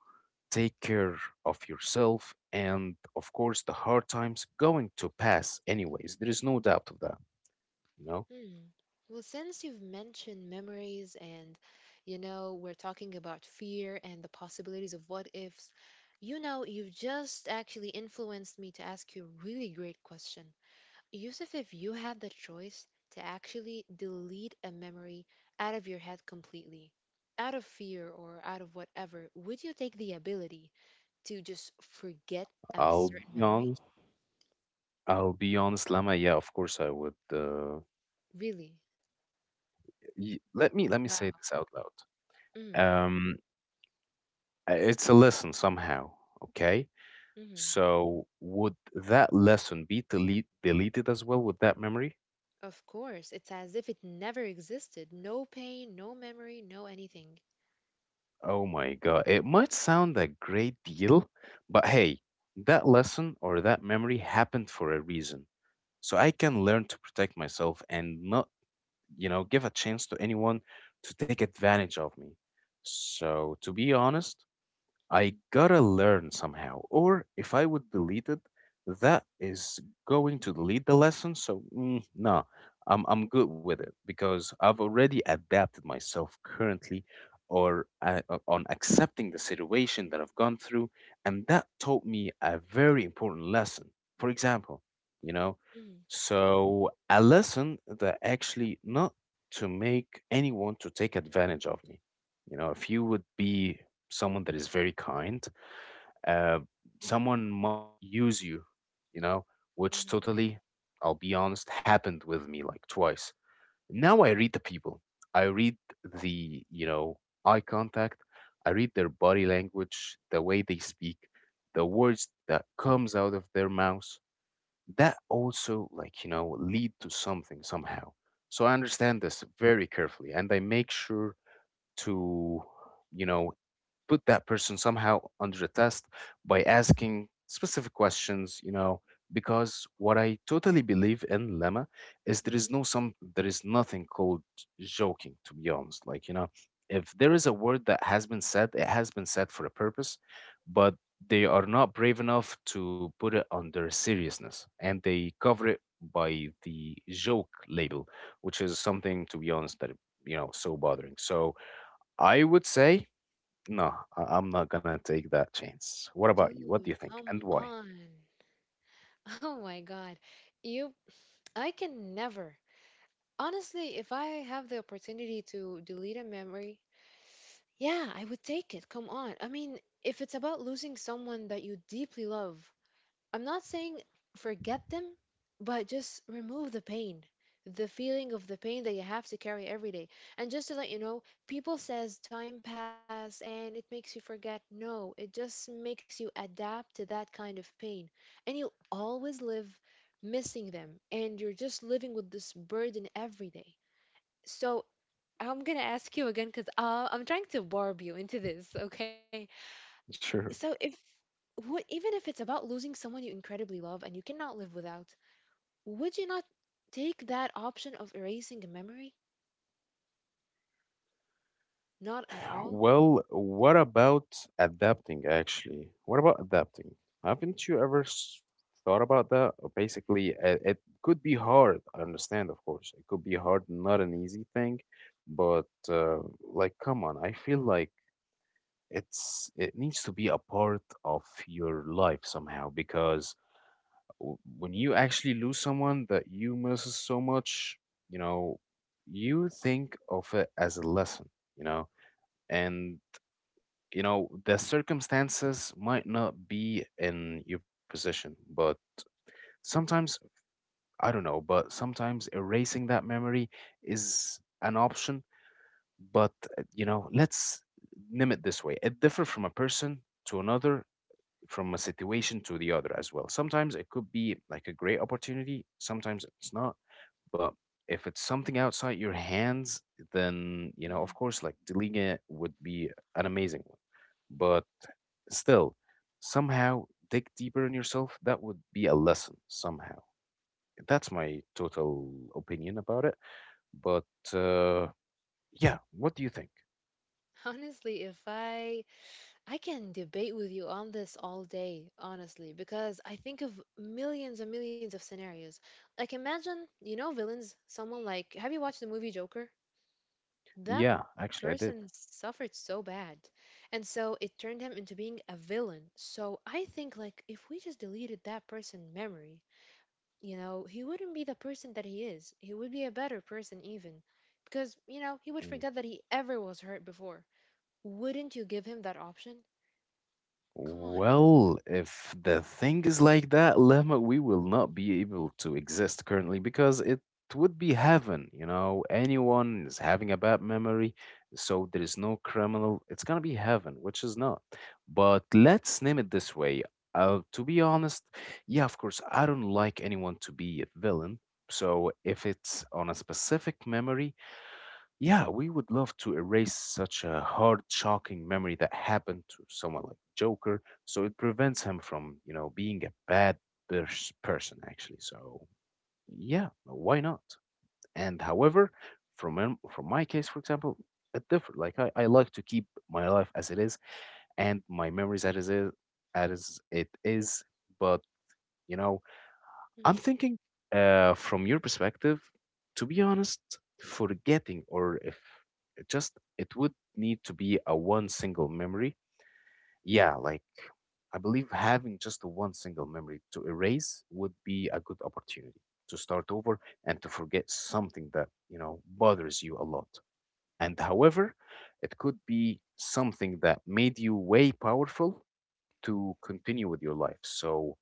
A: take care of yourself, and of course the hard times going to pass anyways. There is no doubt of that, you know?
B: Hmm. Well, since you've mentioned memories and, you know, we're talking about fear and the possibilities of what ifs, you know, you've just actually influenced me to ask you a really great question. Yusuf, if you had the choice to actually delete a memory out of your head completely, out of fear or out of whatever, would you take the ability to just forget a
A: I'll be
B: certain memory?
A: honest. I'll be honest, Lama. Yeah, of course I would. Uh,
B: Really?
A: y- let me let me say
B: Wow.
A: this out loud.
B: Mm,
A: Um, uh, it's a lesson somehow. Okay.
B: mhm.
A: So would that lesson be delete deleted as well with that memory?
B: Of course, it's as if it never existed. No pain, no memory, no anything.
A: Oh my God. It might sound a great deal, but hey, that lesson or that memory happened for a reason. So I can learn to protect myself and not, you know, give a chance to anyone to take advantage of me. So to be honest, I gotta learn somehow. Or if I would delete it, that is going to delete the lesson. So mm, no, I'm I'm good with it because I've already adapted myself currently, or uh, uh, on accepting the situation that I've gone through, and that taught me a very important lesson. For example, you know,
B: Mm,
A: so a lesson that actually not to make anyone to take advantage of me. You know, if you would be someone that is very kind, uh, someone might use you, you know, which
B: mhm,
A: totally, I'll be honest, happened with me like twice. Now I read the people. I read the, you know, eye contact. I read their body language, the way they speak, the words that comes out of their mouths. That also, like, you know, lead to something somehow. So I understand this very carefully and I make sure to, you know, put that person somehow under the test by asking specific questions, you know, because what I totally believe in, Lemma, is there is
B: mhm.
A: no some there is nothing called joking, to be honest. Like, you know, if there is a word that has been said, it has been said for a purpose, but they are not brave enough to put it under seriousness and they cover it by the joke label, which is something, to be honest, that, you know, so bothering. So I would say no, I- I'm not gonna take that chance. What about you? What do you
B: Dude,
A: think and
B: come
A: why?
B: on. Oh my God. You, I can never. Honestly, if I have the opportunity to delete a memory, yeah, I would take it. Come on. I mean, if it's about losing someone that you deeply love, I'm not saying forget them, but just remove the pain, the feeling of the pain that you have to carry every day. And just to let you know, people says time pass and it makes you forget. No, it just makes you adapt to that kind of pain. And you always live missing them and you're just living with this burden every day. So I'm gonna ask you again because uh, I'm trying to barb you into this, okay? So
A: Sure.
B: if wh- even if it's about losing someone you incredibly love and you cannot live without, would you not take that option of erasing a memory? Not at all.
A: Well, what about adapting actually? What about adapting? Haven't you ever s- thought about that? Or basically, it, it could be hard. I understand, of course. It could be hard, not an easy thing, but uh, like, come on, I feel like it's it needs to be a part of your life somehow because w- when you actually lose someone that you misses so much, you know, you think of it as a lesson, you know, and you know the circumstances might not be in your position, but sometimes, I don't know, but sometimes erasing that memory is an option. But uh, you know, let's name it this way: it differs from a person to another, from a situation to the other as well. Sometimes it could be like a great opportunity, sometimes it's not. But if it's something outside your hands, then, you know,
B: Mm.
A: of course, like deleting it would be an amazing one. But still, somehow dig deeper in yourself. That would be a lesson somehow. That's my total opinion about it. But uh, yeah, what do you think?
B: Honestly, if I I can debate with you on this all day, honestly, because I think of millions and millions of scenarios. Like imagine, you know, villains, someone like, have you watched the movie Joker? That
A: Yeah, actually, I did.
B: person suffered so bad, and so it turned him into being a villain. So I think, like, if we just deleted that person memory, you know, he wouldn't be the person that he is. He would be a better person even, because you know he would forget
A: Mm.
B: that he ever was hurt before. Wouldn't you give him that option? Come on.
A: Well, if the thing is like that, Lama, we will not be able to exist currently because it would be heaven. You know, anyone is having a bad memory, so there is no criminal. It's gonna be heaven, which is not. But let's name it this way. Uh, to be honest, yeah, of course, I don't like anyone to be a villain. So if it's on a specific memory, yeah, we would love to erase such a hard, shocking memory that happened to someone like Joker, so it prevents him from, you know, being a bad pers- person, actually. So, yeah, why not? And however, from um, from my case, for example, it different. Like I, I like to keep my life as it is and my memories as it is, as it is. But you know,
B: Mm.
A: I'm thinking, uh, from your perspective, to be honest, forgetting or if it just it would need to be a one single memory. Yeah, like I believe having just one single memory to erase would be a good opportunity to start over and to forget something that, you know, bothers you a lot. And however, it could be something that made you way powerful to continue with your life. So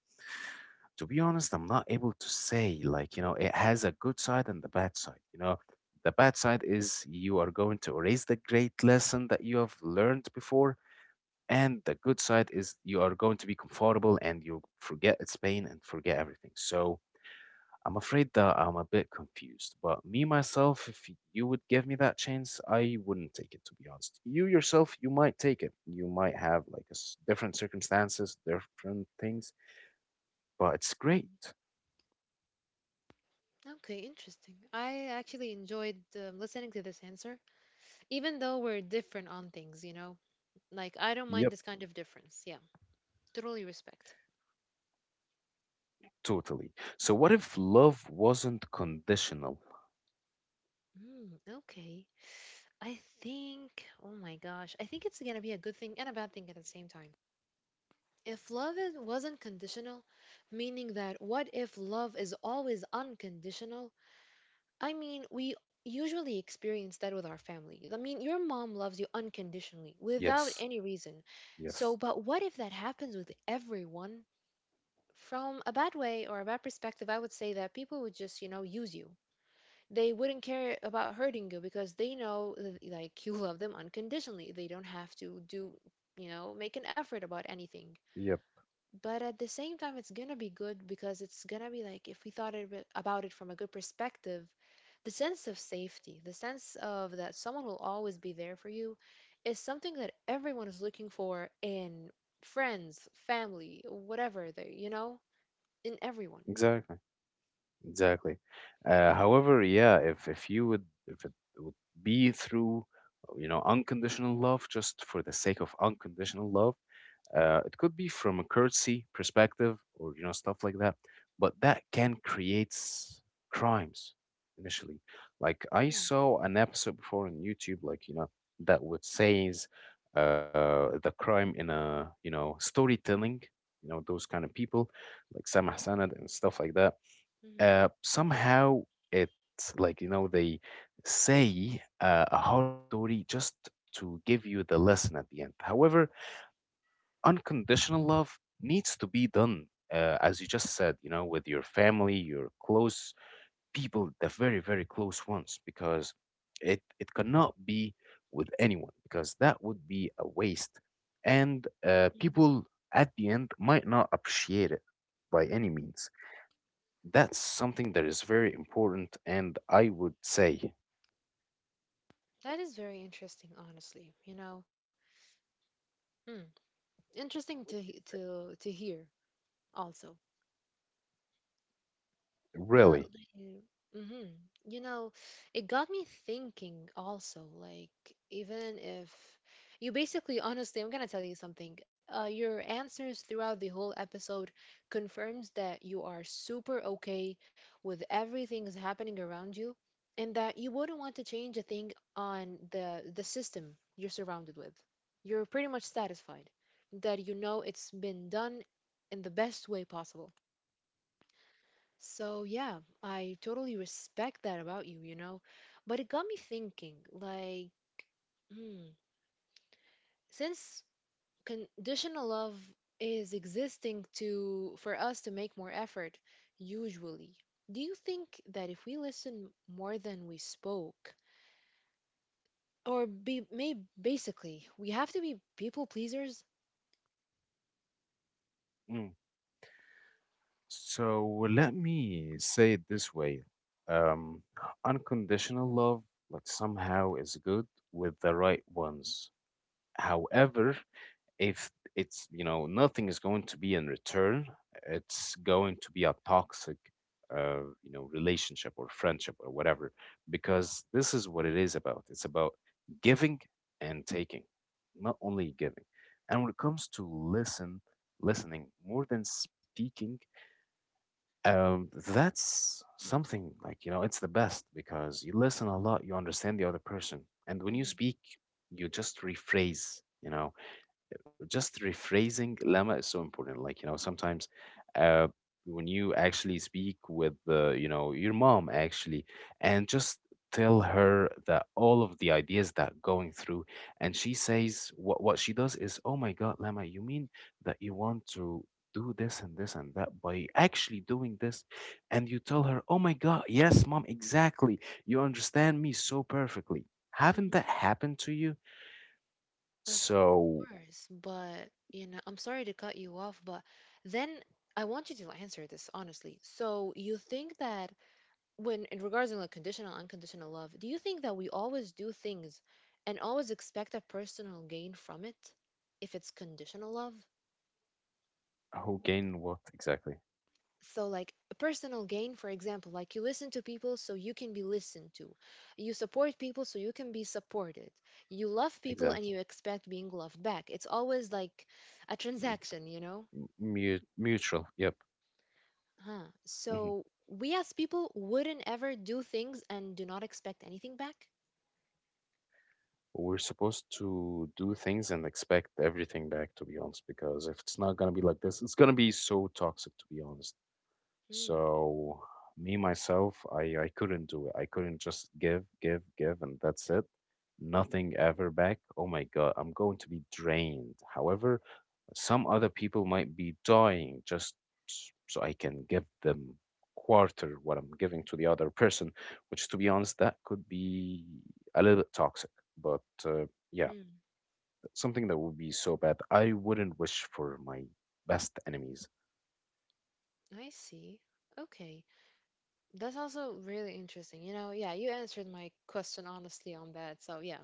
A: to be honest, I'm not able to say, like, you know, it has a good side and the bad side. You know, the bad side is you are going to erase the great lesson that you have learned before. And the good side is you are going to be comfortable and you'll forget its pain and forget everything. So I'm afraid that I'm a bit confused. But me, myself, if you would give me that chance, I wouldn't take it, to be honest. You yourself, you might take it. You might have like a s- different circumstances, different things, but it's
B: Mm.
A: great.
B: Okay, interesting. I actually enjoyed um, listening to this answer, even though we're different on things you know like I don't mind this kind of difference, yeah. Totally respect.
A: Totally. So what if love wasn't conditional?
B: Mm, okay. I think, oh my gosh, I think it's going to be a good thing and a bad thing at the same time. If love is, wasn't conditional, meaning that what if love is always unconditional? I mean, we usually experience that with our family. I mean, your mom loves you unconditionally
A: Yes.
B: without any reason.
A: Yes.
B: So, but what if that happens with everyone? From a bad way or a bad perspective, I would say that people would just, you know, use you. They wouldn't care about hurting you because they know that, like, you love them unconditionally. They don't have to do you know make an effort about anything.
A: Yep.
B: But at the same time, it's gonna be good, because it's gonna be like, if we thought of it- about it from a good perspective, the sense of safety, the sense of that someone will always be there for you is something that everyone is looking for in friends, family, whatever they you know in everyone.
A: Exactly. Exactly. Uh, however, yeah, if if you would if it would be through you know unconditional love just for the sake of unconditional love, Uh, it could be from a courtesy perspective or you know stuff like that, but that can create s- crimes initially. Like I
B: Mm-hmm.
A: saw an episode before on YouTube, like you know that would says uh, the crime in a you know storytelling, you know those kind of people like Sam Hassanad and stuff like that. Uh, somehow it's like you know they say uh, a hard story just to give you the lesson at the end. However, unconditional love needs to be done, uh, as you just said, you know, with your family, your close people, the very, very close ones, because it, it cannot be with anyone, because that would be a waste. And uh, people at the end might not appreciate it by any means. That's something that is very important, and I would say,
B: That is very interesting honestly you know Hmm. Interesting to he- to to hear also. But
A: really.
B: mm-hmm, you know, it got me thinking also, like, even if you basically honestly, I'm gonna tell you something. Uh, your answers throughout the whole episode confirms that you are super okay with everything that's happening around you, and that you wouldn't want to change a thing on the the system you're surrounded with. You're pretty much satisfied that you know it's been done in the best way possible. So, yeah, I totally respect that about you, you know. But it got me thinking, like, hmm, since conditional love is existing to, for us to make more effort, usually, do you think that if we listen more than we spoke, or be may basically we have to be people pleasers?
A: Mm. So let me say it this way. Um, unconditional love, like somehow is good with the right ones. However, if it's, you know, nothing is going to be in return, it's going to be a toxic, uh, you know, relationship or friendship or whatever, because this is what it is about. It's about giving and taking, not only giving. And when it comes to listen, listening more than speaking, um, that's something like, you know, it's the best because you listen a lot, you understand the other person. And when you
B: Hmm.
A: speak, you just rephrase, you know, just rephrasing, Lama, is so important, like you know sometimes uh when you actually speak with uh, you know your mom actually and just tell her that all of the ideas that going through and she says what what she does is oh my god Lama, you mean that you want to do this and this and that by actually doing this and you tell her oh my god yes mom exactly you understand me so perfectly, haven't that happened to you
B: Of
A: so?
B: course, but you know, I'm sorry to cut you off, but then I want you to answer this honestly. So you think that when, in regards to like conditional, unconditional love, do you think that we always do things and always expect a personal gain from it, if it's conditional love?
A: Who gain what exactly?
B: So, like, a personal gain, for example, like you listen to people so you can be listened to. You support people so you can be supported. You love people and
A: Exactly.
B: you expect being loved back. It's always like a transaction, you know?
A: M- mu- mutual. Yep.
B: Huh.
A: Hmm.
B: So we as people wouldn't ever do things and do not expect anything back?
A: We're supposed to do things and expect everything back, to be honest, because if it's not gonna be like this, it's gonna be so toxic, to be honest.
B: Hmm.
A: So me myself, I I couldn't do it. I couldn't just give, give, give, and that's it. Nothing ever back. Oh my God, I'm going to be drained. However, some other people might be dying just so I can give them quarter what I'm giving to the other person, which to be honest, that could be a little bit toxic. But uh, yeah,
B: Hmm.
A: something that would be so bad. I wouldn't wish for my best enemies.
B: I see. Okay. That's also really interesting. You know, yeah, you answered my question honestly on that. So yeah.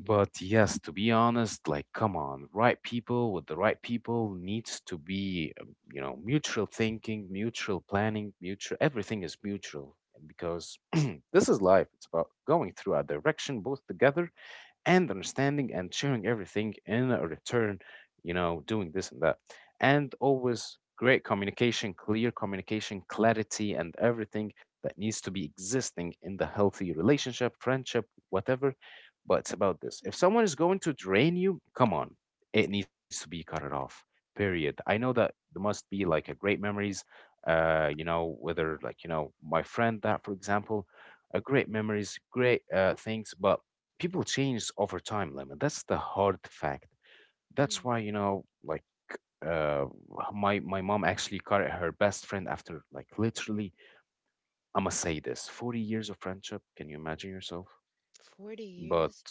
A: But yes, to be honest, like, come on, right people with the right people needs to be, um, you know, mutual thinking, mutual planning, mutual, everything is mutual because this is life. It's about going through a direction both together and understanding and sharing everything in a return, you know, doing this and that. And always great communication, clear communication, clarity, and everything that needs to be existing in the healthy relationship, friendship, whatever. But it's about this. If someone is going to drain you, come on, it needs to be cut it off. Period. I know that there must be like a great memories, uh, you know, whether like, you know, my friend that, for example, a great memories, great uh, things, but people change over time, Lemon. That's the hard fact.
B: Hmm.
A: That's why, you know, like uh, my my mom actually got her best friend after like literally, I'ma say this, forty years of friendship. Can you imagine yourself?
B: forty
A: But
B: years?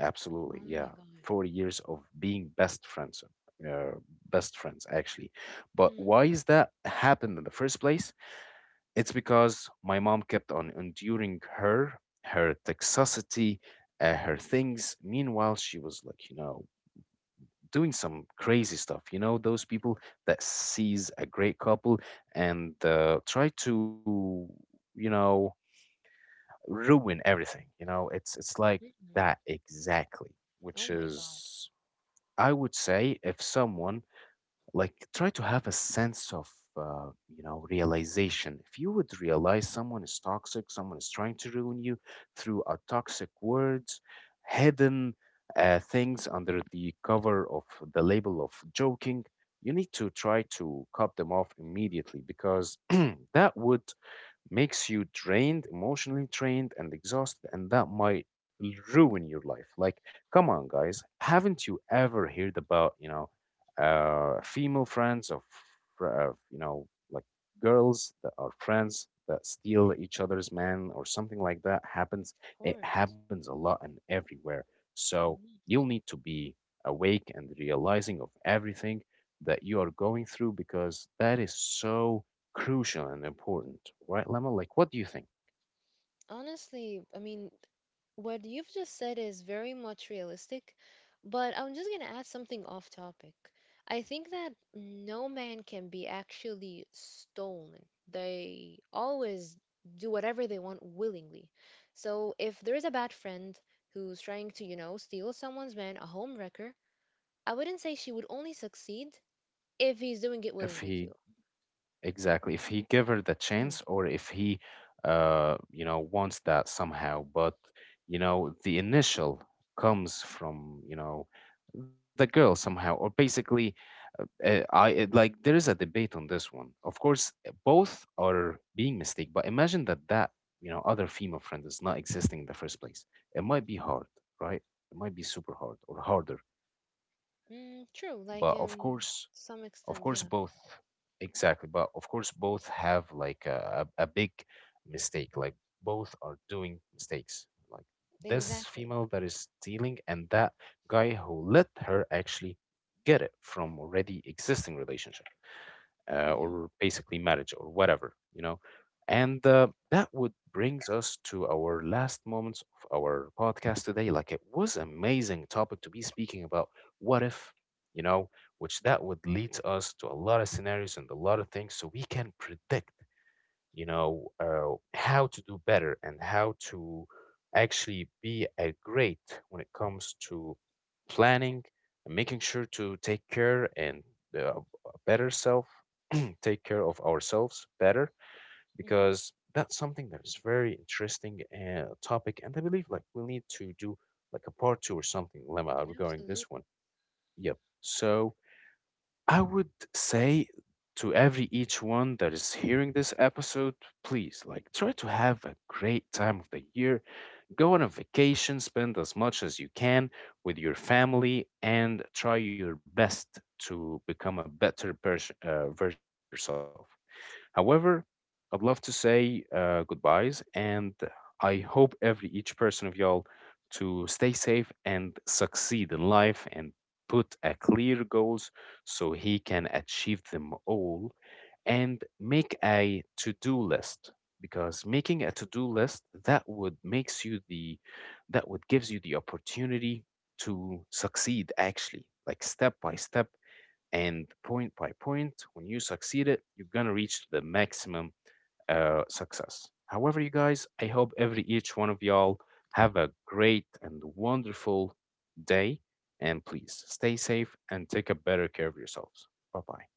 A: absolutely,
B: Oh my
A: yeah,
B: God.
A: forty years of being best friends, uh, best friends actually. But why is that happened in the first place? It's because my mom kept on enduring her, her toxicity, uh, her things. Meanwhile, she was like, you know, doing some crazy stuff. You know, those people that sees a great couple and uh, try to, you know, ruin everything. You know, it's it's like
B: Mm-hmm.
A: that exactly, which
B: Oh my God.
A: is, I would say if someone like try to have a sense of uh, you know realization, if you would realize someone is toxic, someone is trying to ruin you through a toxic words, hidden uh, things under the cover of the label of joking, you need to try to cut them off immediately because that would makes you drained, emotionally drained, and exhausted, and that might ruin your life. Like, come on, guys, haven't you ever heard about you know, uh, female friends of uh, you know, like girls that are friends that steal each other's man or something like that
B: Of
A: happens? It
B: course.
A: happens a lot and everywhere. So
B: Mm-hmm.
A: you'll need to be awake and realizing of everything that you are going through because that is so crucial and important, right, Lemma? Like, what do you think?
B: Honestly, I mean, what you've just said is very much realistic, but I'm just going to add something off topic. I think that no man can be actually stolen. They always do whatever they want willingly. So if there is a bad friend who's trying to, you know, steal someone's man, a home wrecker, I wouldn't say she would only succeed if he's doing it
A: If
B: willingly
A: he,
B: too.
A: exactly, if he give her the
B: Mhm.
A: chance, or if he, uh, you know, wants that somehow, but you know, the initial comes from you know the girl somehow, or basically, uh, uh, I it, like there is a debate on this one. Of course, uh, both are being mistake, but imagine that that you know other female friend is not existing in the first place. It might be hard, right? It might be super hard or harder
B: Mm, true, like,
A: but of
B: um,
A: course.
B: some
A: Of
B: extent,
A: course,
B: yeah,
A: both. Exactly. But of course, both have like a, a, a big mistake. Like both are doing mistakes. Like this
B: exactly.
A: female that is stealing and that guy who let her actually get it from already existing relationship, uh,
B: Hmm.
A: or basically marriage or whatever, you know. And uh, that would brings us to our last moments of our podcast today. Like it was amazing topic to be speaking about. What if, you know, which that would lead us to a lot of scenarios and a lot of things, so we can predict you know, uh, how to do better and how to actually be a great when it comes to planning and making sure to take care and uh, a better self, take care of ourselves better
B: Hmm.
A: because that's something that is very interesting uh, topic and I believe like we need to do like a part two or something, Lemma, regarding
B: Absolutely.
A: this one. Yep. So I would say to every each one that is hearing this episode, please like try to have a great time of the year. Go on a vacation, spend as much as you can with your family, and try your best to become a better pers- uh, version of yourself. However, I'd love to say uh, goodbyes, and I hope every each person of y'all to stay safe and succeed in life and put a clear goals so he can achieve them all and make a to-do list because making a to-do list, that would makes you the that would gives you the opportunity to succeed actually like step by step and point by point, when you succeed it you're gonna reach the maximum uh, success. However, you guys, I hope every each one of y'all have a great and wonderful day and please stay safe and take a better care of yourselves. Bye bye.